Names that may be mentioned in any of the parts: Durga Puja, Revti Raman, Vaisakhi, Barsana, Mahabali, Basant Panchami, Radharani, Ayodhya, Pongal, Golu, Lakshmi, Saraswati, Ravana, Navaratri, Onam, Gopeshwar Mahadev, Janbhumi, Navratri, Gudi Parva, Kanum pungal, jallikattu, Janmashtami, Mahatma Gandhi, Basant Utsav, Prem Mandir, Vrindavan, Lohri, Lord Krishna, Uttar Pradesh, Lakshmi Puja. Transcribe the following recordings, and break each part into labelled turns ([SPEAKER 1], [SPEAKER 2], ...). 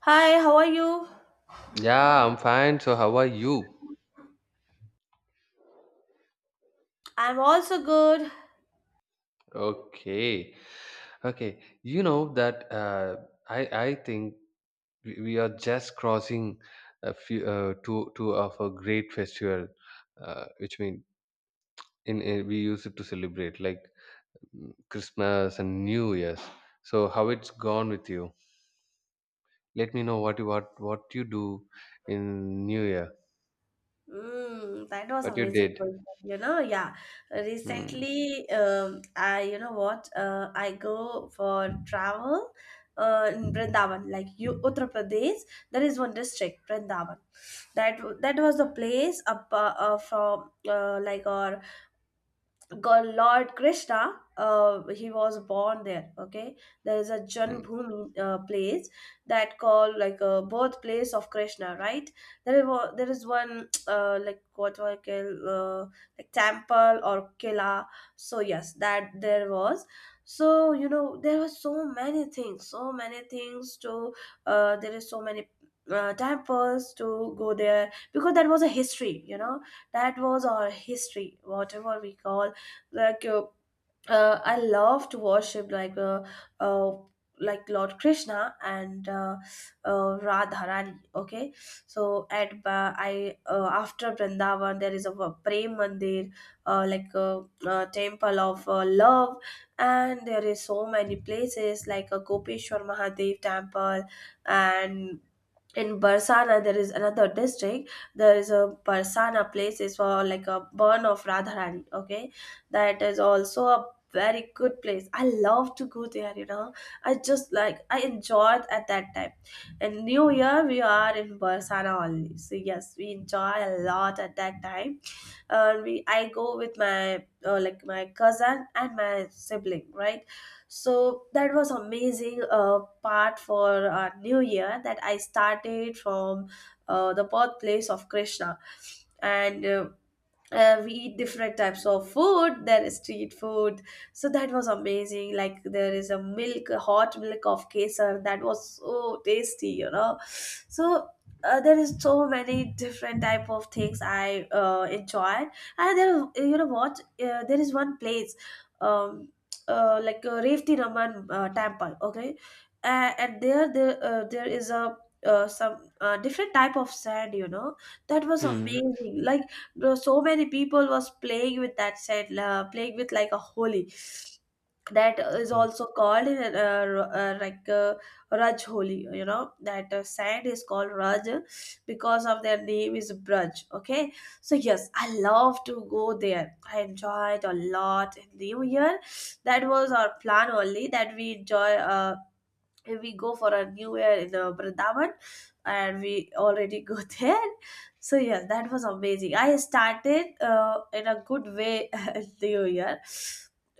[SPEAKER 1] Hi, how are you?
[SPEAKER 2] Yeah, I'm fine. So how are you?
[SPEAKER 1] I'm also good.
[SPEAKER 2] Okay. Okay. You know that I think we are just crossing a few two of a great festival, which mean in we use it to celebrate like Christmas and New Year's. So how it's gone with you? Let me know what you what you do in New Year.
[SPEAKER 1] That was
[SPEAKER 2] What you
[SPEAKER 1] amazing
[SPEAKER 2] did?
[SPEAKER 1] question.
[SPEAKER 2] Hmm.
[SPEAKER 1] Recently, I you know what? I go for travel, in Vrindavan, like you Uttar Pradesh. There is one district, Vrindavan. That was the place up from like our. God Lord Krishna, he was born there. Okay, there is a Janbhumi place that called like a birthplace of Krishna, right? There is one like what do I call like temple or kila. So yes, that there was. So you know there were so many things to. There is so many. Temples to go there because that was a history, you know, that was our history whatever we call like uh, I love to worship uh, like Lord Krishna and Radharani. Okay, so at I after Vrindavan there is a Prem Mandir, like a temple of love, and there is so many places like a Gopeshwar Mahadev temple and. In Barsana, there is another district. There is a Barsana place. It's for like a burn of Radharani. Okay, that is also a very good place. I love to go there, you know. I just like, I enjoyed at that time, and new year we are in Barsana only, so yes, we enjoy a lot at that time. And we I go with my like my cousin and my sibling, right? So that was amazing part for our new year, that I started from the birthplace of Krishna and we eat different types of food. There is street food, so that was amazing. Like, there is a hot milk of kesar. That was so tasty, you know. So there is so many different type of things I enjoyed. And there, you know what, there is one place, um like Revti Raman temple. Okay, and there there is a some different type of sand, you know. That was
[SPEAKER 2] Hmm.
[SPEAKER 1] amazing. Like, there so many people was playing with that set, playing with like a holy, that is also called raj holi. You know that sand is called raj because of their name is braj. Okay, so yes, I love to go there. I enjoyed a lot in new year. That was our plan only, that we enjoy, and we go for a new year in Vrindavan, and we already go there. So yeah, that was amazing. I started in a good way new year.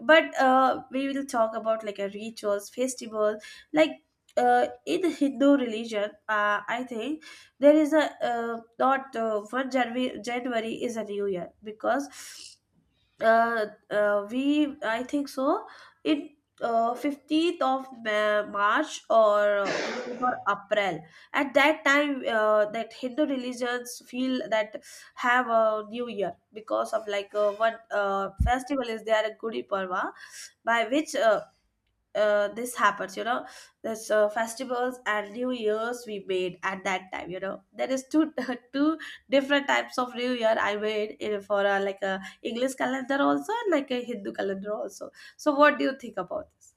[SPEAKER 1] But we will talk about like a rituals, festival, like in Hindu religion, I think there is a, not one January, January is a new year because we I think so. It 15th of March, or 15th
[SPEAKER 2] Hmm.
[SPEAKER 1] or April. At that time, that Hindu religions feel that have a new year because of like, what festival is there, Gudi Parva, by which this happens, you know. There's festivals and new years we made at that time, you know. There is two two different types of new year I made in for a, like a English calendar also and like a Hindu calendar also. So what do you think about this?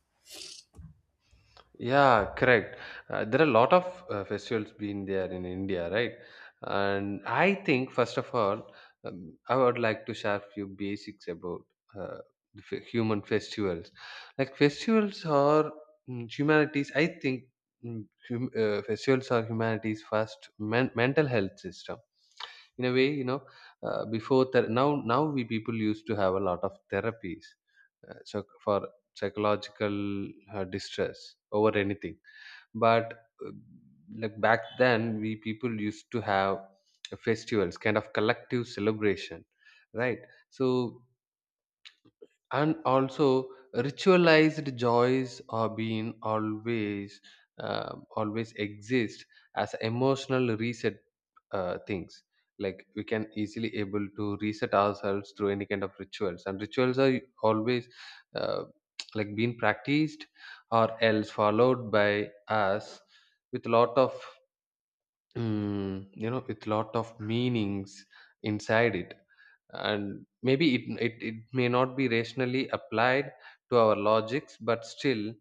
[SPEAKER 2] Yeah, correct. There are a lot of festivals being there in India, right? And I think first of all, I would like to share few basics about uh, the human festivals. Like festivals are humanities. I think festivals are humanity's mental health system. In a way, you know, before now we people used to have a lot of therapies. So for psychological distress over anything but like back then we people used to have festivals kind of collective celebration, right? So and also ritualized joys are being always, always exist as emotional reset things, like we can easily able to reset ourselves through any kind of rituals. And rituals are always uh, like being practiced or else followed by us with lot of you know, with lot of meanings inside it. And maybe it may not be rationally applied to our logics, but still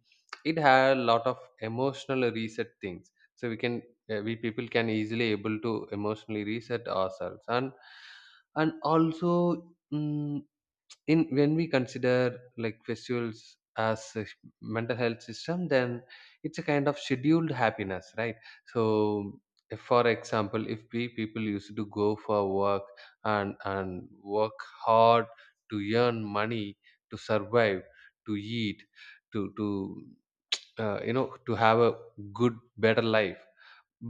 [SPEAKER 2] it had a lot of emotional reset things, so we can we people can easily able to emotionally reset ourselves. And also, in when we consider like festivals as mental health system, then it's a kind of scheduled happiness, right? So if, for example, if we people used to go for work and work hard to earn money, to survive, to eat, to you know, to have a good better life.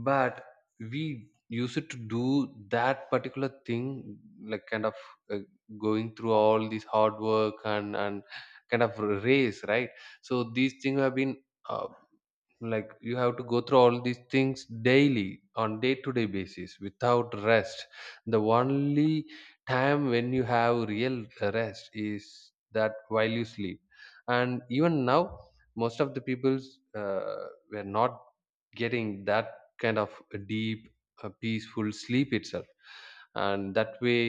[SPEAKER 2] But we used to do that particular thing, like kind of uh, going through all this hard work, and kind of race, right? So these things have been. Uh, like you have to go through all these things daily on day to day basis without rest. The only time when you have real rest is that while you sleep. And even now, most of the people's were not getting that kind of a deep peaceful sleep itself. And that way,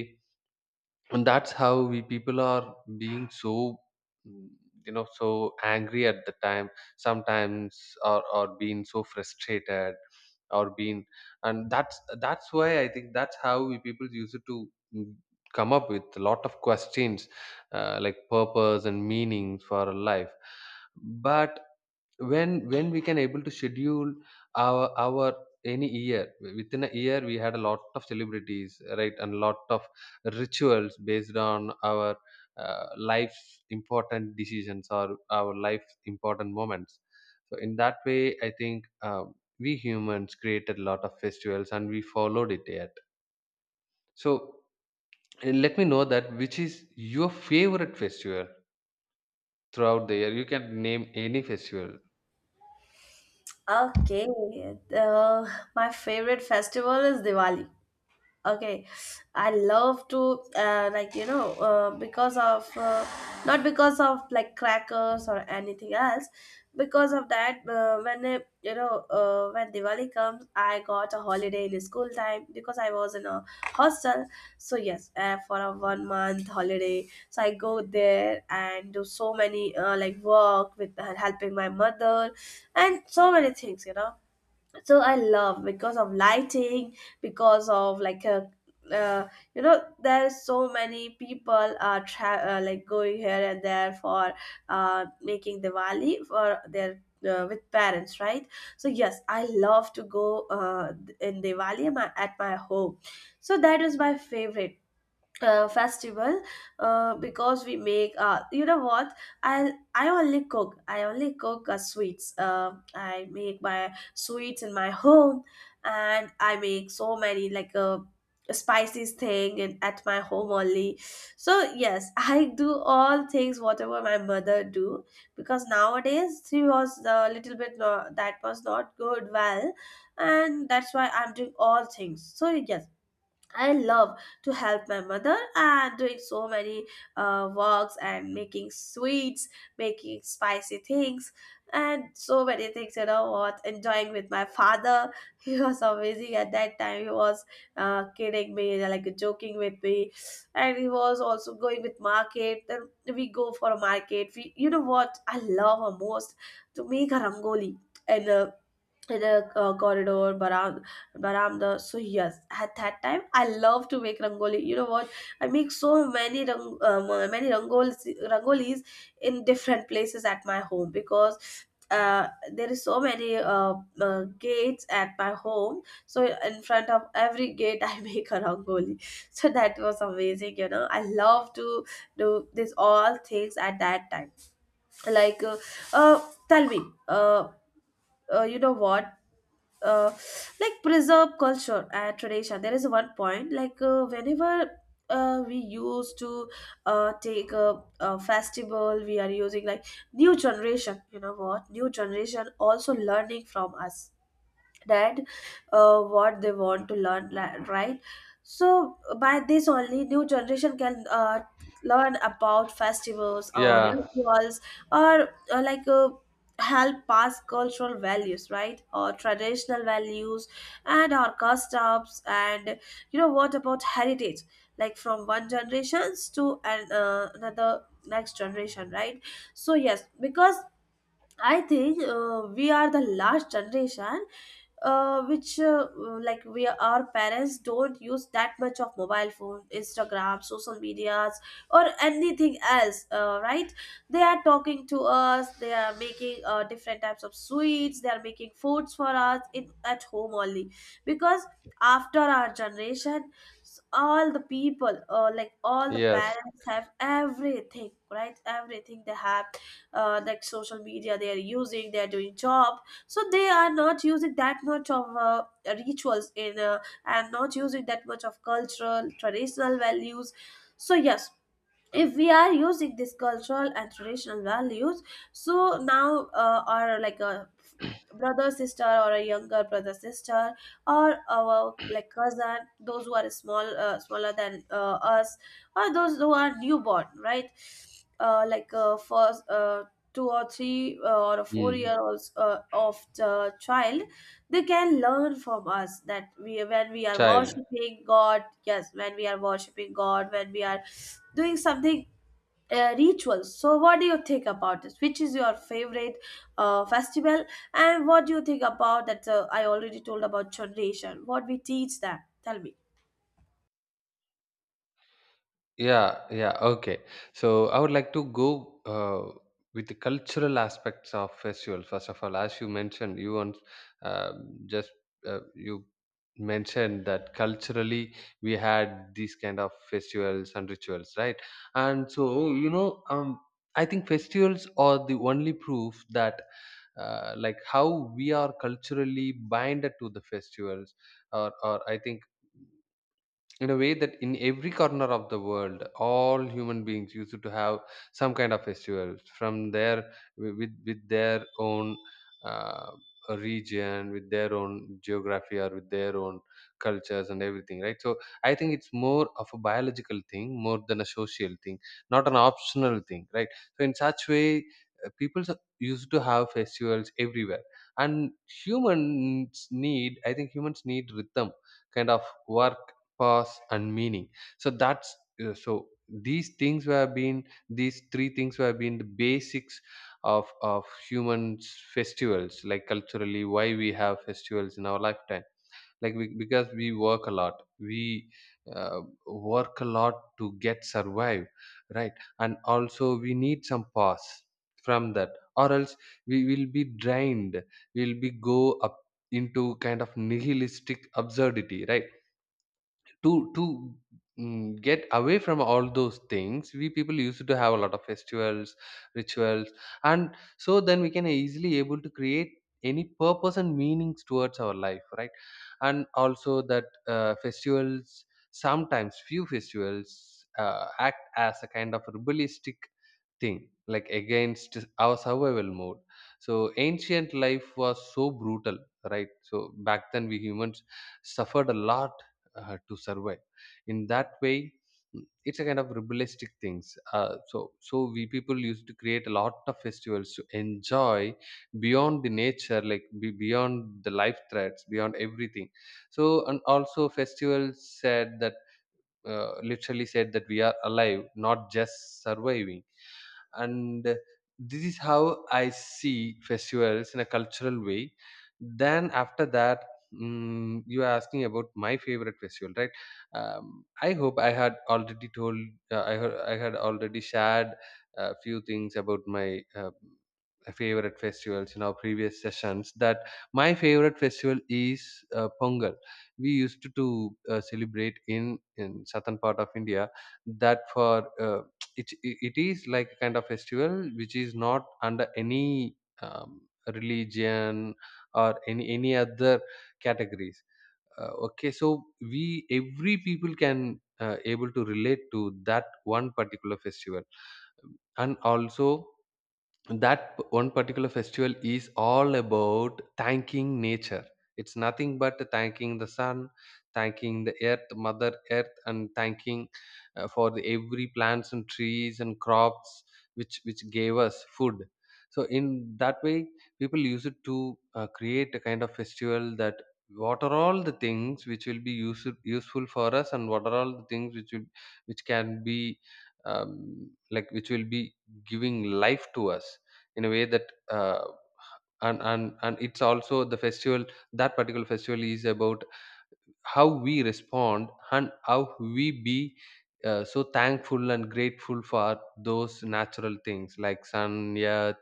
[SPEAKER 2] and that's how we people are being so, mm, you know, so angry at the time sometimes, or being so frustrated or being, and that's why I think that's how we people use it to mm, come up with a lot of questions, like purpose and meanings for our life. But when we can able to schedule our any year, within a year we had a lot of celebrities, right? And lot of rituals based on our life's important decisions or our life's important moments. So in that way I think, we humans created a lot of festivals, and we followed it yet. So let me know that which is your favorite festival throughout the year. You can name any festival.
[SPEAKER 1] Okay, uh, my favorite festival is Diwali. Okay, I love to like, you know, because of not because of like crackers or anything else, because of that when it, you know, when Diwali comes, I got a holiday in school time because I was in a hostel. So yes, for a one month holiday, so I go there and do so many like work with helping my mother and so many things, you know. So I love because of lighting, because of like a, uh, you know, there's so many people are like going here and there for making Diwali for their with parents, right? So yes, I love to go in Diwali at my, at my home. So that is my favorite festival, because we make, you know what, I only cook, I only cook sweets. I make my sweets in my home, and I make so many like spices thing in, at my home only. So yes, I do all things whatever my mother do, because nowadays she was a little bit, no, that was not good well, and that's why I'm doing all things. So yes, I love to help my mother and doing so many works, and making sweets, making spicy things, and so many things. You know what? Enjoying with my father. He was amazing at that time. He was kidding me, like joking with me, and he was also going with market. Then we go for a market. We, you know what, I love her most to make a rangoli. And in a corridor baramda. So yes, at that time I love to make rangoli, you know what. I make so many many rangolis in different places at my home, because uh, there is so many gates at my home. So in front of every gate I make a rangoli. So that was amazing, you know. I love to do this all things at that time, like uh tell me uh, you know what, uh, like preserve culture and tradition. There is one point like, whenever we used to take a festival, we are using like new generation. You know what, new generation also learning from us that what they want to learn, right? So by this only, new generation can learn about festivals or
[SPEAKER 2] Yeah,
[SPEAKER 1] rituals, or help pass cultural values, right, or traditional values, and our customs, and you know what, about heritage, like from one generations to another next generation, right? So yes, because I think we are the last generation which like, we, our parents don't use that much of mobile phone, Instagram, social medias, or anything else, right? They are talking to us, they are making different types of sweets, they are making foods for us in, at home only. Because after our generation, all the people, like all the
[SPEAKER 2] yes.
[SPEAKER 1] parents have everything, right, everything they have, like social media they are using, they are doing job. So they are not using that much of rituals in and not using that much of cultural traditional values. So yes, if we are using this cultural and traditional values, so now our like brother sister, or a younger brother sister, or our like cousin, those who are small, smaller than us, or those who are newborn, right, first 2 or 3, or a four
[SPEAKER 2] Hmm.
[SPEAKER 1] year olds of the child, they can learn from us that we when we are
[SPEAKER 2] Child.
[SPEAKER 1] worshiping god, yes, when we are worshiping god, when we are doing something rituals. So, what do you think about this? Which is your favorite festival, and what do you think about that? I already told about generation. What we teach them. Tell me.
[SPEAKER 2] Yeah, yeah, okay. So I would like to go with the cultural aspects of festivals. First of all, as you mentioned, you once uh, just you mentioned that culturally we had these kind of festivals and rituals, right? And so you know, I think festivals are the only proof that like how we are culturally binded to the festivals, or I think, in a way that in every corner of the world all human beings used to have some kind of festivals from their with their own uh, region, with their own geography, or with their own cultures and everything, right? So I think it's more of a biological thing more than a social thing, not an optional thing, right? So in such way, people used to have festivals everywhere. And humans need, I think humans need rhythm, kind of work, purpose and meaning. So that's so these things have been, these three things have been the basics of humans festivals, like culturally why we have festivals in our lifetime, like we, because we work a lot, we uh, work a lot to get survive, right? And also we need some pause from that, or else we will be drained, we'll be go up into kind of nihilistic absurdity, right? To get away from all those things, we people used to have a lot of festivals, rituals. And so then we can easily able to create any purpose and meanings towards our life, right? And also that festivals, sometimes few festivals act as a kind of rebellistic thing, like against our survival mode. So ancient life was so brutal, right? So back then we humans suffered a lot to survive. In that way, it's a kind of rebellistic things. So so we people used to create a lot of festivals to enjoy beyond the nature, like beyond the life threats, beyond everything. So and also festivals said that literally said that we are alive, not just surviving. And this is how I see festivals in a cultural way. Then after that, you are asking about my favorite festival, right? I hope I had already shared a few things about my favorite festivals in our previous sessions, that my favorite festival is Pongal. We used to celebrate in southern part of India, that for it is like a kind of festival which is not under any um, religion or any other categories. Uh, okay, so we every people can able to relate to that one particular festival. And also that one particular festival is all about thanking nature. It's nothing but thanking the sun, thanking the earth, mother earth, and thanking for the every plants and trees and crops which gave us food. So in that way people use it to create a kind of festival, that what are all the things which will useful for us, and what are all the things which can be like which will be giving life to us. In a way that and it's also the festival, that particular festival is about how we respond and how we be so thankful and grateful for those natural things like sun, earth,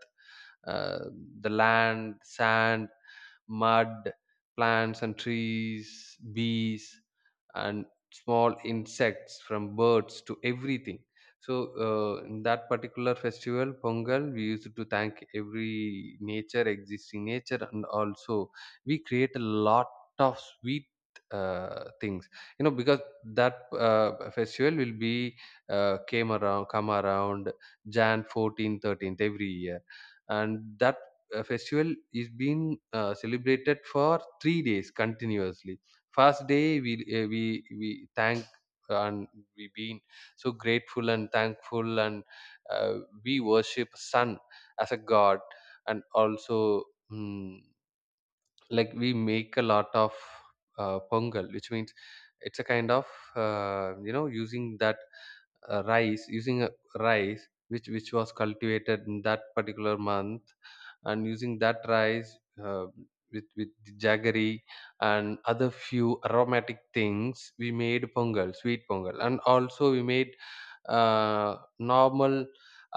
[SPEAKER 2] uh, the land, sand, mud, plants and trees, bees, and small insects, from birds to everything. So, in that particular festival, Pongal, we used to thank every nature, existing nature. And also we create a lot of sweet things. You know, because that festival will be come around January 14th, 13th every year. And that festival is being celebrated for 3 days continuously. First day we we thank and we been so grateful and thankful and uh, we worship sun as a god. And also mm, like we make a lot of pongal, which means it's a kind of you know, using that rice using a rice which was cultivated in that particular month. And using that rice with the jaggery and other few aromatic things, we made pongal, sweet pongal. And also we made normal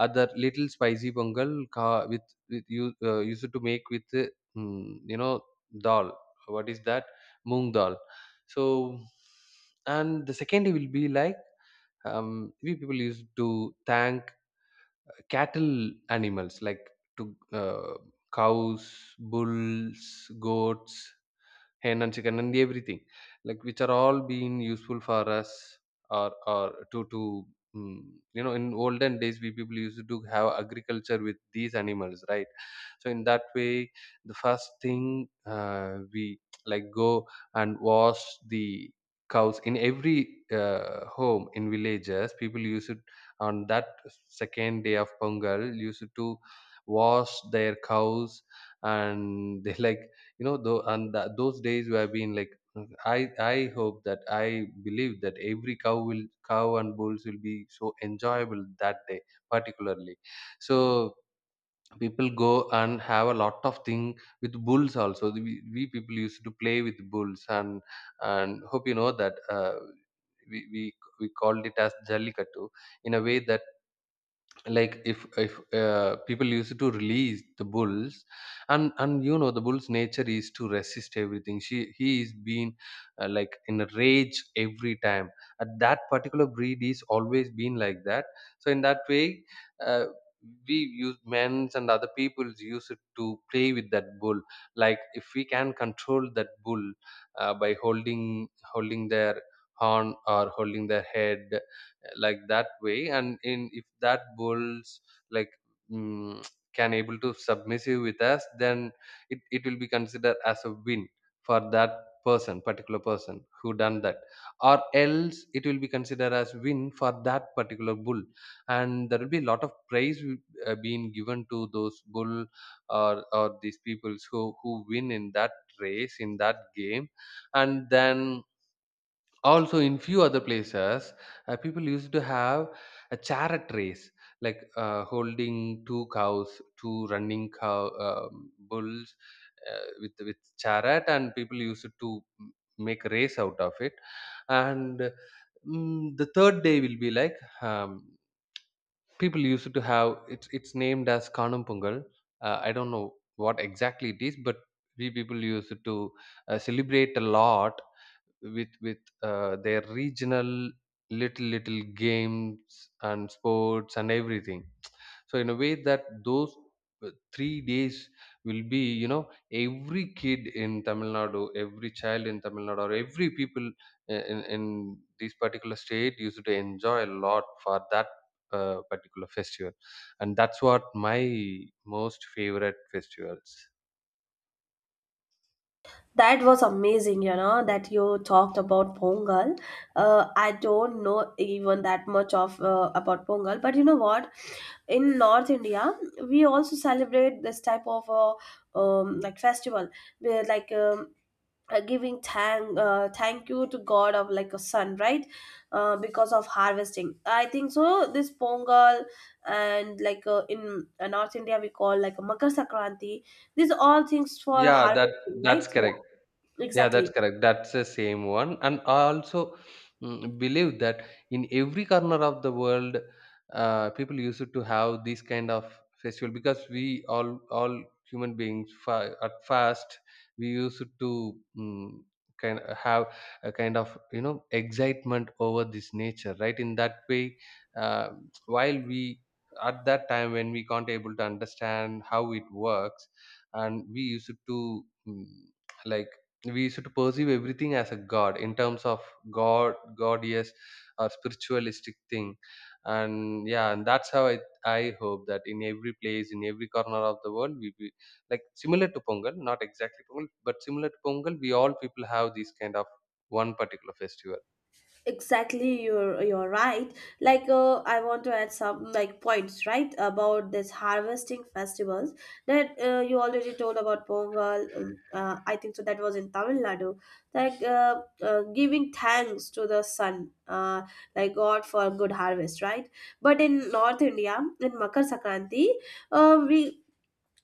[SPEAKER 2] other little spicy pongal with you used to make with you know, dal. What is that? Moong dal. So and the second day will be like, we people used to thank cattle animals, like to cows, bulls, goats, hen and chicken and everything, like which are all being useful for us, or mm, you know, in olden days we people used to have agriculture with these animals, right? So in that way the first thing we like go and wash the cows. In every home in villages people used it, on that second day of Pongal used to wash their cows. And they like, you know, though and tha those days were been like, i I believe that every cow will cow and bulls will be so enjoyable that day particularly. So people go and have a lot of thing with bulls. Also we people used to play with bulls, and hope you know that we, we we called it as jallikattu, in a way that like if people used to release the bulls. And you know the bull's nature is to resist everything. She he is been like in a rage every time, at that particular breed is always been like that. So in that way uh, we use men's and other people's use it to play with that bull. Like if we can control that bull by holding their horn or holding their head, like that way. And in if that bulls like mm, can able to submissive with us, then it will be considered as a win for that person particular person who done that, or else it will be considered as win for that particular bull. And there will be a lot of praise being given to those bull or these peoples who win in that race, in that game. And then also in few other places, people used to have a chariot race, like holding two cows, two running cow bulls with chariot, and people used to make a race out of it. And the third day will be like, um, people used to have, it's named as Kanum pungal. I don't know what exactly it is, but we people used to celebrate a lot with their regional little little games and sports and everything. So in a way that those 3 days will be, you know, every kid in Tamil Nadu, every child in Tamil Nadu, or every people in this particular state used to enjoy a lot for that particular festival. And that's what my most favorite festivals.
[SPEAKER 1] That was amazing, you know, that you talked about Pongal. I don't know even that much of about Pongal, but you know what, in North India, we also celebrate this type of like festival, where like, giving thank you to god of like a sun, right? Because of harvesting, I think so, this Pongal. And like in North India we call like a Makar Sankranti. These all things for
[SPEAKER 2] Yeah, that
[SPEAKER 1] harvesting,
[SPEAKER 2] that's
[SPEAKER 1] right?
[SPEAKER 2] correct. Yeah, that's
[SPEAKER 1] Exactly,
[SPEAKER 2] correct. That's the same one. And I also believe that in every corner of the world, people used to have this kind of festival, because we all human beings at first we used to kind have a kind of, you know, excitement over this nature, right? In that way, uh, while we at that time when we can't able to understand how it works, and we used to like we should perceive everything as a god, in terms of god, yes, or spiritualistic thing. And yeah, and that's how I hope that in every place, in every corner of the world, we be like similar to Pongal, not exactly Pongal, but similar to Pongal, we all people have these kind of one particular festival.
[SPEAKER 1] exactly. You're right. Like, I want to add some like points, right, about this harvesting festivals, that you already told about Pongal. I think so, that was in Tamil Nadu. Like, giving thanks to the sun, like god for good harvest, right? But in North India, in Makar Sankranti, we,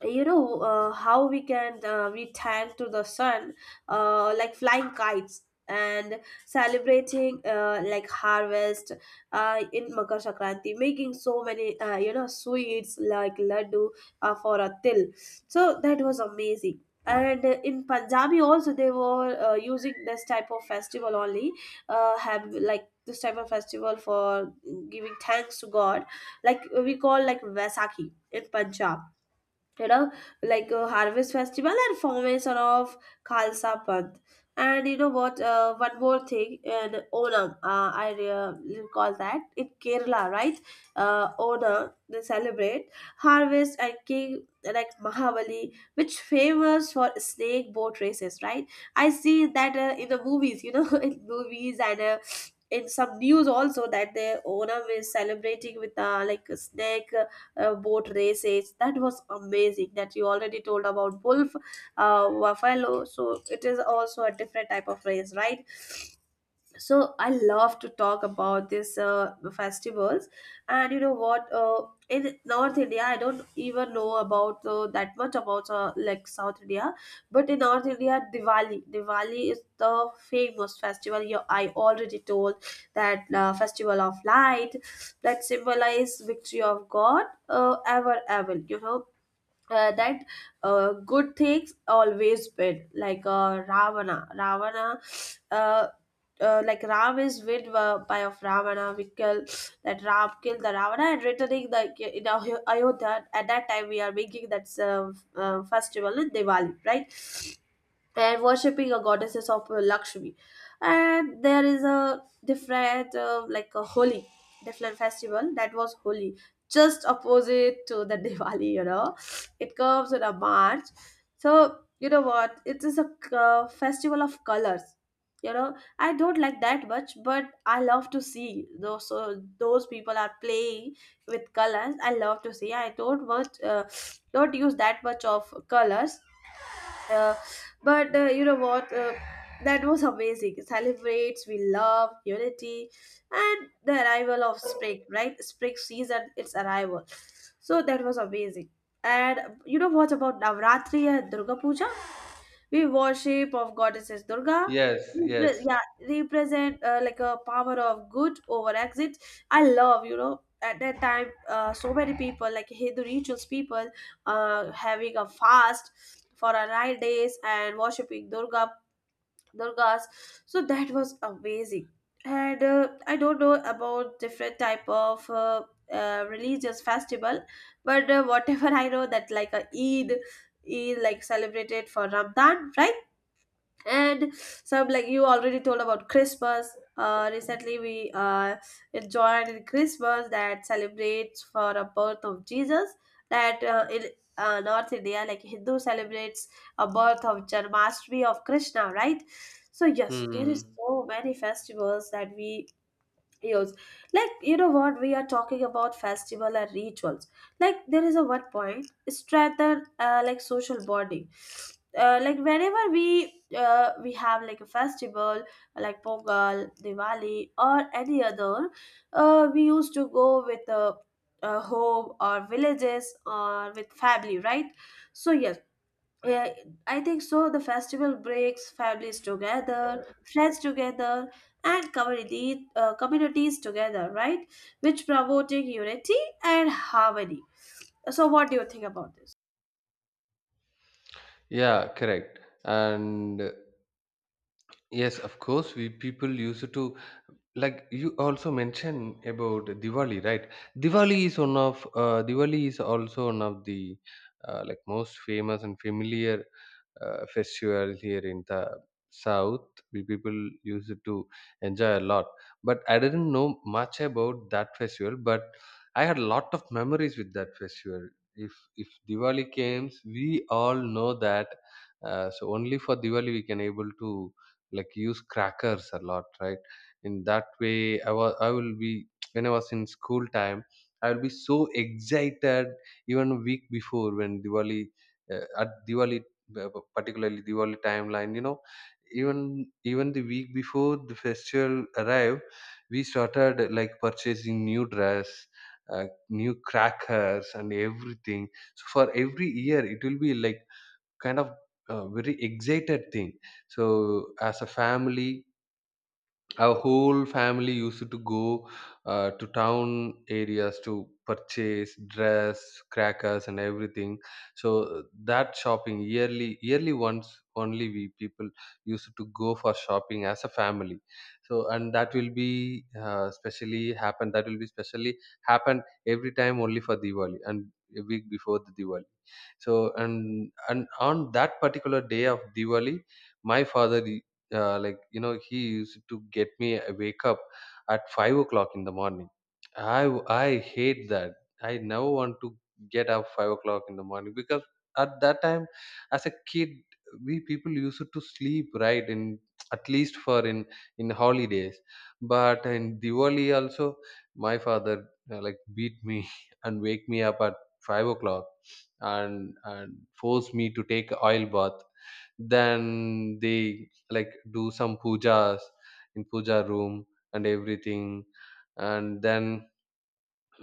[SPEAKER 1] you know, how we can we thank to the sun like flying kites and celebrating like harvest, in Makar Sankranti, making so many you know, sweets like laddu, for a til. So that was amazing. And in Punjabi also they were using this type of festival only, have like this type of festival for giving thanks to God, like we call like Vaisakhi in Punjab, you know, like a harvest festival and formation of khalsa panth. And you know what, one more thing, and Onam. I recall that in Kerala, right? Onam, they celebrate harvest and king like Mahabali, which famous for snake boat races, right? I see that in the movies, you know, in movies and in some news also, that the Onam is celebrating with like a snake boat races. That was amazing that you already told about wolf, buffalo. So it is also a different type of race, right? So I love to talk about these festivals. And you know what, in North India I don't even know about that much about like South India, but in North India Diwali is the famous festival. You, I already told that festival of light, that symbolize victory of god, ever you know, that good things always win, like Ravana, uh, like Ram is win by of Ravana, we kill, that Ram killed the Ravana and returning the in Ayodhya. At that time, we are making that festival in Diwali, right? And worshipping a goddesses of Lakshmi. And there is a different, like a Holi, different festival that was Holi, just opposite to the Diwali, you know. It comes in a March. So, you know what? It is a festival of colors. You know, I don't like that much, but I love to see those. So those people are playing with colors. I love to see. I don't want, don't use that much of colors, uh, but you know what? That was amazing. It celebrates, we love unity, and the arrival of spring, right? Spring season, its arrival. So that was amazing. And you know what about Navratri and Durga Puja? We worship of goddesses Durga,
[SPEAKER 2] Yes, yes.
[SPEAKER 1] yeah, represent like a power of good over exit. I love, you know, at that time so many people like Hindu rituals people having a fast for a 9 days and worshiping Durga, Durgas. So that was amazing. And I don't know about different type of religious festival, but whatever I know, that like a Eid, like celebrated for Ramadan, right? And some, like you already told about Christmas. Recently we enjoyed in Christmas, that celebrates for the birth of Jesus. That in North India, like Hindu celebrates a birth of Janmashtami of Krishna, right? So yes, there is
[SPEAKER 2] Hmm.
[SPEAKER 1] so many festivals that we use. Like you know what, we are talking about festival and rituals, like there is a one point, strengthen like social bonding, like whenever we we have like a festival like Pongal, Diwali, or any other, we used to go with a home or villages or with family, right? So yes, yeah, I think so. The festival brings families together, friends together, and community communities together, right? Which promoting unity and harmony. So, what do you think about this?
[SPEAKER 2] Yeah, correct. And yes, of course, we people used to, like you also mentioned about Diwali, right? Diwali is one of Diwali is also one of the like most famous and familiar festival here in the south. We people used to enjoy a lot, but I didn't know much about that festival, but I had a lot of memories with that festival. If Diwali came, we all know that so only for Diwali we can able to like use crackers a lot, right? In that way, I was I will be when I was in school time, I will be so excited even a week before when Diwali at Diwali particularly Diwali timeline. You know, even even the week before the festival arrived, we started like purchasing new dress, new crackers, and everything. So for every year, it will be like kind of a very excited thing. So as a family, our whole family used to go to town areas to purchase dress, crackers, and everything. So that shopping, yearly, yearly once only we people used to go for shopping as a family. So and that will be specially happen, that will be specially happen every time only for Diwali and a week before the Diwali. So and on that particular day of Diwali, my father, like you know, he used to get me a wake up at 5 o'clock in the morning. I hate that. I never want to get up 5 o'clock in the morning, because at that time, as a kid, we people used to sleep right in at least for in holidays. But in Diwali also, my father like beat me and wake me up at 5 o'clock, and force me to take oil bath. Then they like do some pujas in puja room and everything. And then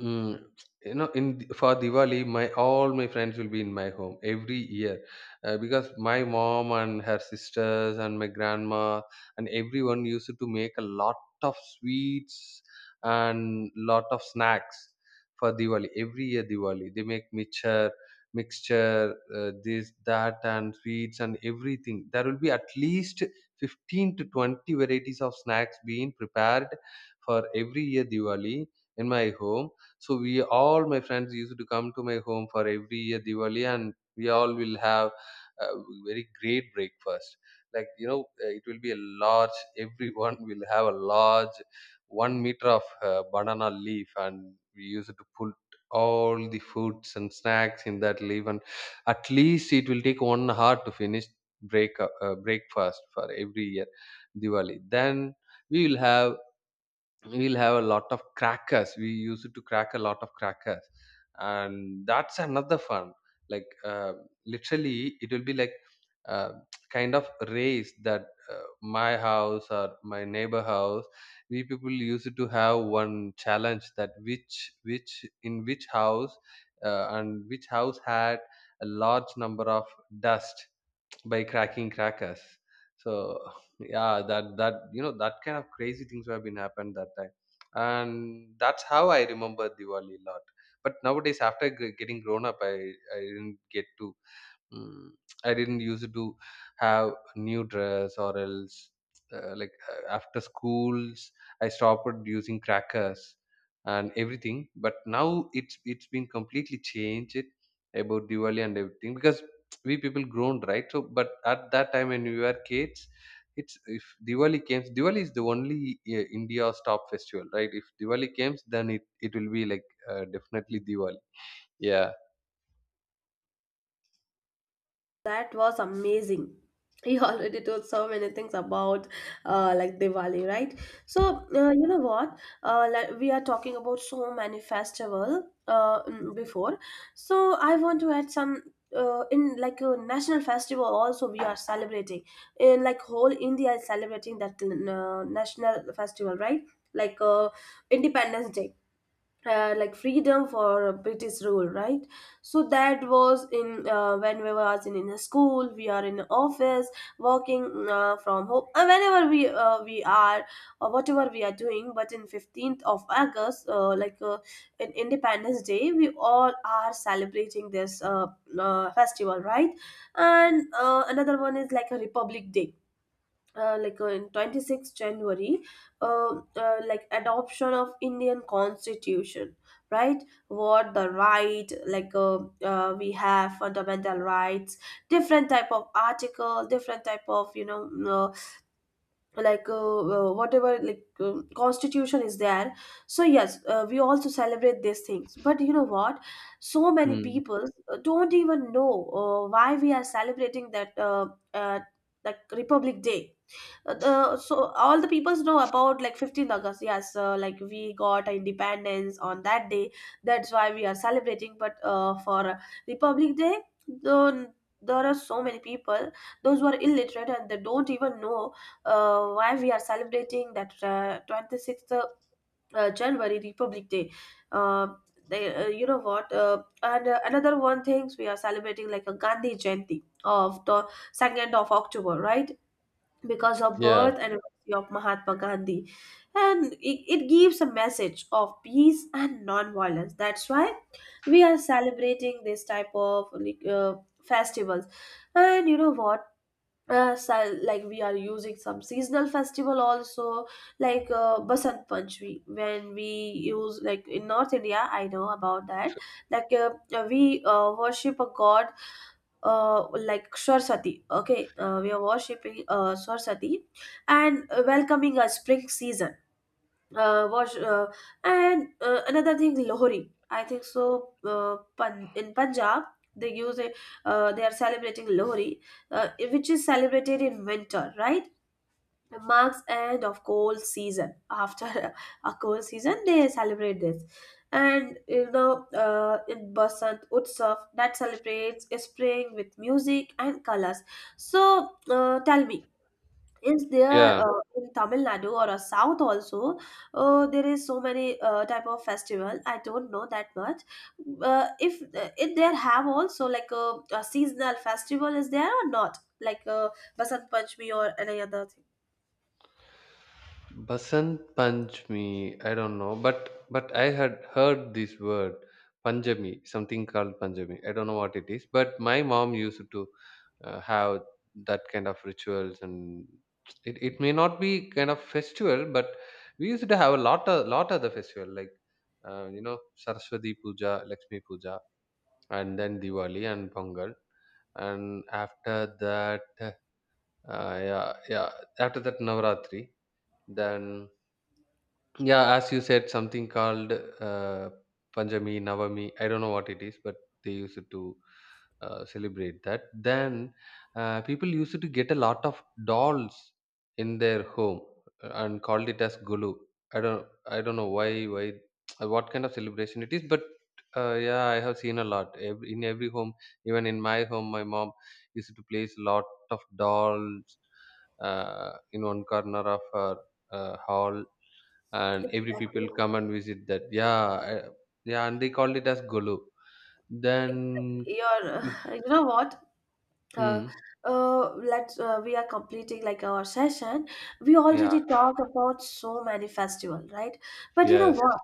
[SPEAKER 2] Mm, you know, in for Diwali, my all my friends will be in my home every year, because my mom and her sisters and my grandma and everyone used to make a lot of sweets and lot of snacks for Diwali. Every year Diwali, they make mixture, mixture, this, that, and sweets and everything. There will be at least 15 to 20 varieties of snacks being prepared for every year Diwali in my home. So we all my friends used to come to my home for every year Diwali, and we all will have a very great breakfast. Like you know it will be a large, everyone will have a large 1 meter of banana leaf, and we use it to put all the foods and snacks in that leaf. And at least it will take 1 hour to finish breakfast for every year Diwali. Then we will have, we'll have a lot of crackers, we used to crack a lot of crackers, and that's another fun. Like literally it will be like uh, kind of race that my house or my neighbor house, we people used to have one challenge that which in which house and which house had a large number of dust by cracking crackers. So yeah, that that you know that kind of crazy things have been happened that time, and that's how I remember Diwali a lot. But nowadays, after getting grown up, I didn't get to mm, I didn't used to have new dress or else like after schools I stopped using crackers and everything. But now it's been completely changed it about Diwali and everything, because we people grown, right? So but at that time when we were kids, it's if Diwali comes, Diwali is the only India's top festival, right? If Diwali comes, then it will be like definitely Diwali. Yeah.
[SPEAKER 1] That was amazing. He already told so many things about like Diwali, right? So you know what? Like we are talking about so many festival before. So I want to add some in like a national festival also we are celebrating. In like whole India is celebrating that national festival, right? Like Independence Day, like freedom for British rule, right? So that was in when we was in a school, we are in office, working from home, and whenever we we are or whatever we are doing. But in 15th of August, like in Independence Day, we all are celebrating this festival, right? And another one is like a Republic Day, like in 26th January, uh, like adoption of Indian constitution. Right, what the right, like we have fundamental rights, different type of article, different type of, you know, like whatever like constitution is there. So yes, we also celebrate these things, but you know what, so many
[SPEAKER 2] Hmm.
[SPEAKER 1] people don't even know why we are celebrating that uh, like Republic Day. So all the peoples know about like 15th August, yes, like we got our independence on that day, that's why we are celebrating. But for Republic Day, the, there are so many people, those who are illiterate, and they don't even know why we are celebrating that 26th January Republic Day. uh, they, you know what, and another one things we are celebrating, like a Gandhi Jayanti of the 2nd of October, right? Because of
[SPEAKER 2] Yeah,
[SPEAKER 1] birth anniversary of Mahatma Gandhi. And it gives a message of peace and non-violence. That's why we are celebrating this type of, like, festivals. And you know what? So, like we are using some seasonal festival also, like Basant Panchami, when we use like in North India, I know about that, like we worship a god, like Saraswati. Okay, we are worshipping Saraswati, and welcoming a spring season. Uh, wash, uh, and another thing, Lohri. I think so. In Punjab, they use a, they are celebrating Lohri, which is celebrated in winter, right? Marks end of cold season, after a cold season they celebrate this. And you know, in Basant Utsav, that celebrates spring with music and colors. So tell me, is there
[SPEAKER 2] yeah.
[SPEAKER 1] in Tamil Nadu or a south also, there is so many type of festival, I don't know that much. If if there have also like a seasonal festival is there or not, like Basant Panchami or any other thing.
[SPEAKER 2] Basant Panchami, I don't know, but I had heard this word Panjami, something called Panjami. I don't know what it is, but my mom used to have that kind of rituals. And it may not be kind of festival, but we used to have a lot of the festival, like you know, Saraswati Puja, Lakshmi Puja, and then Diwali and Pongal, and after that, yeah, yeah, after that Navaratri, then. Yeah, as you said, something called Panjami, Navami. I don't know what it is, but they used to celebrate that. Then people used to get a lot of dolls in their home and called it as Gulu. I don't know why, what kind of celebration it is. But yeah, I have seen a lot, every, in every home. Even in my home, my mom used to place a lot of dolls in one corner of her hall, and every
[SPEAKER 1] Exactly.
[SPEAKER 2] people come and visit that. Yeah, I- yeah, and they called it as Golu. Then,
[SPEAKER 1] Exactly. You're, you know what? Uh,
[SPEAKER 2] hmm,
[SPEAKER 1] let's, we are completing like our session. We
[SPEAKER 2] yeah,
[SPEAKER 1] already talked about so many festival, right? But you know
[SPEAKER 2] yes,
[SPEAKER 1] what?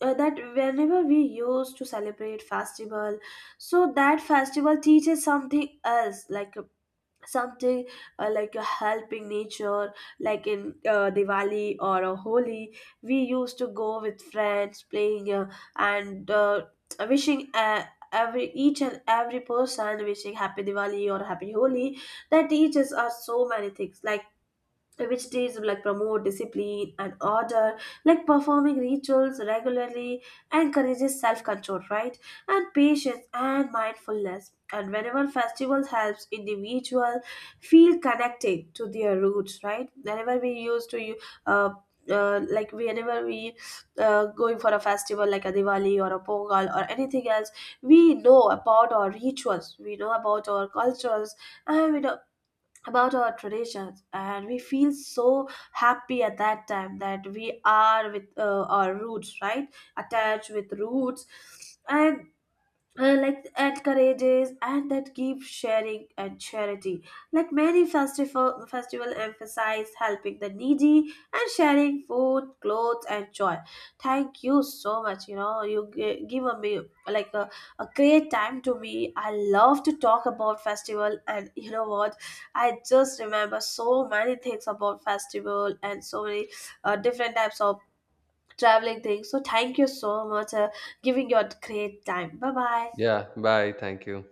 [SPEAKER 1] That whenever we used to celebrate festival, so that festival teaches something else, like something like a helping nature, like in Diwali or a Holi, we used to go with friends playing and wishing every each and every person, wishing happy Diwali or happy Holi. That teaches us so many things, like which days will, like promote discipline and order, like performing rituals regularly, encourages self-control, right? And patience and mindfulness. And whenever festivals helps individual feel connected to their roots, right? Whenever we used to uh, like whenever we going for a festival like a Diwali or a Pongal or anything else, we know about our rituals, we know about our cultures, and we know about our traditions, and we feel so happy at that time that we are with our roots, right? Attached with roots. And like encourages, and that gives sharing and charity. Like many festival emphasize helping the needy and sharing food, clothes, and joy. Thank you so much. You know, you give a me like a great time to me. I love to talk about festival, and you know what? I just remember so many things about festival and so many different types of traveling things. So thank you so much, giving your great time. Bye bye.
[SPEAKER 2] yeah. Bye. Thank you.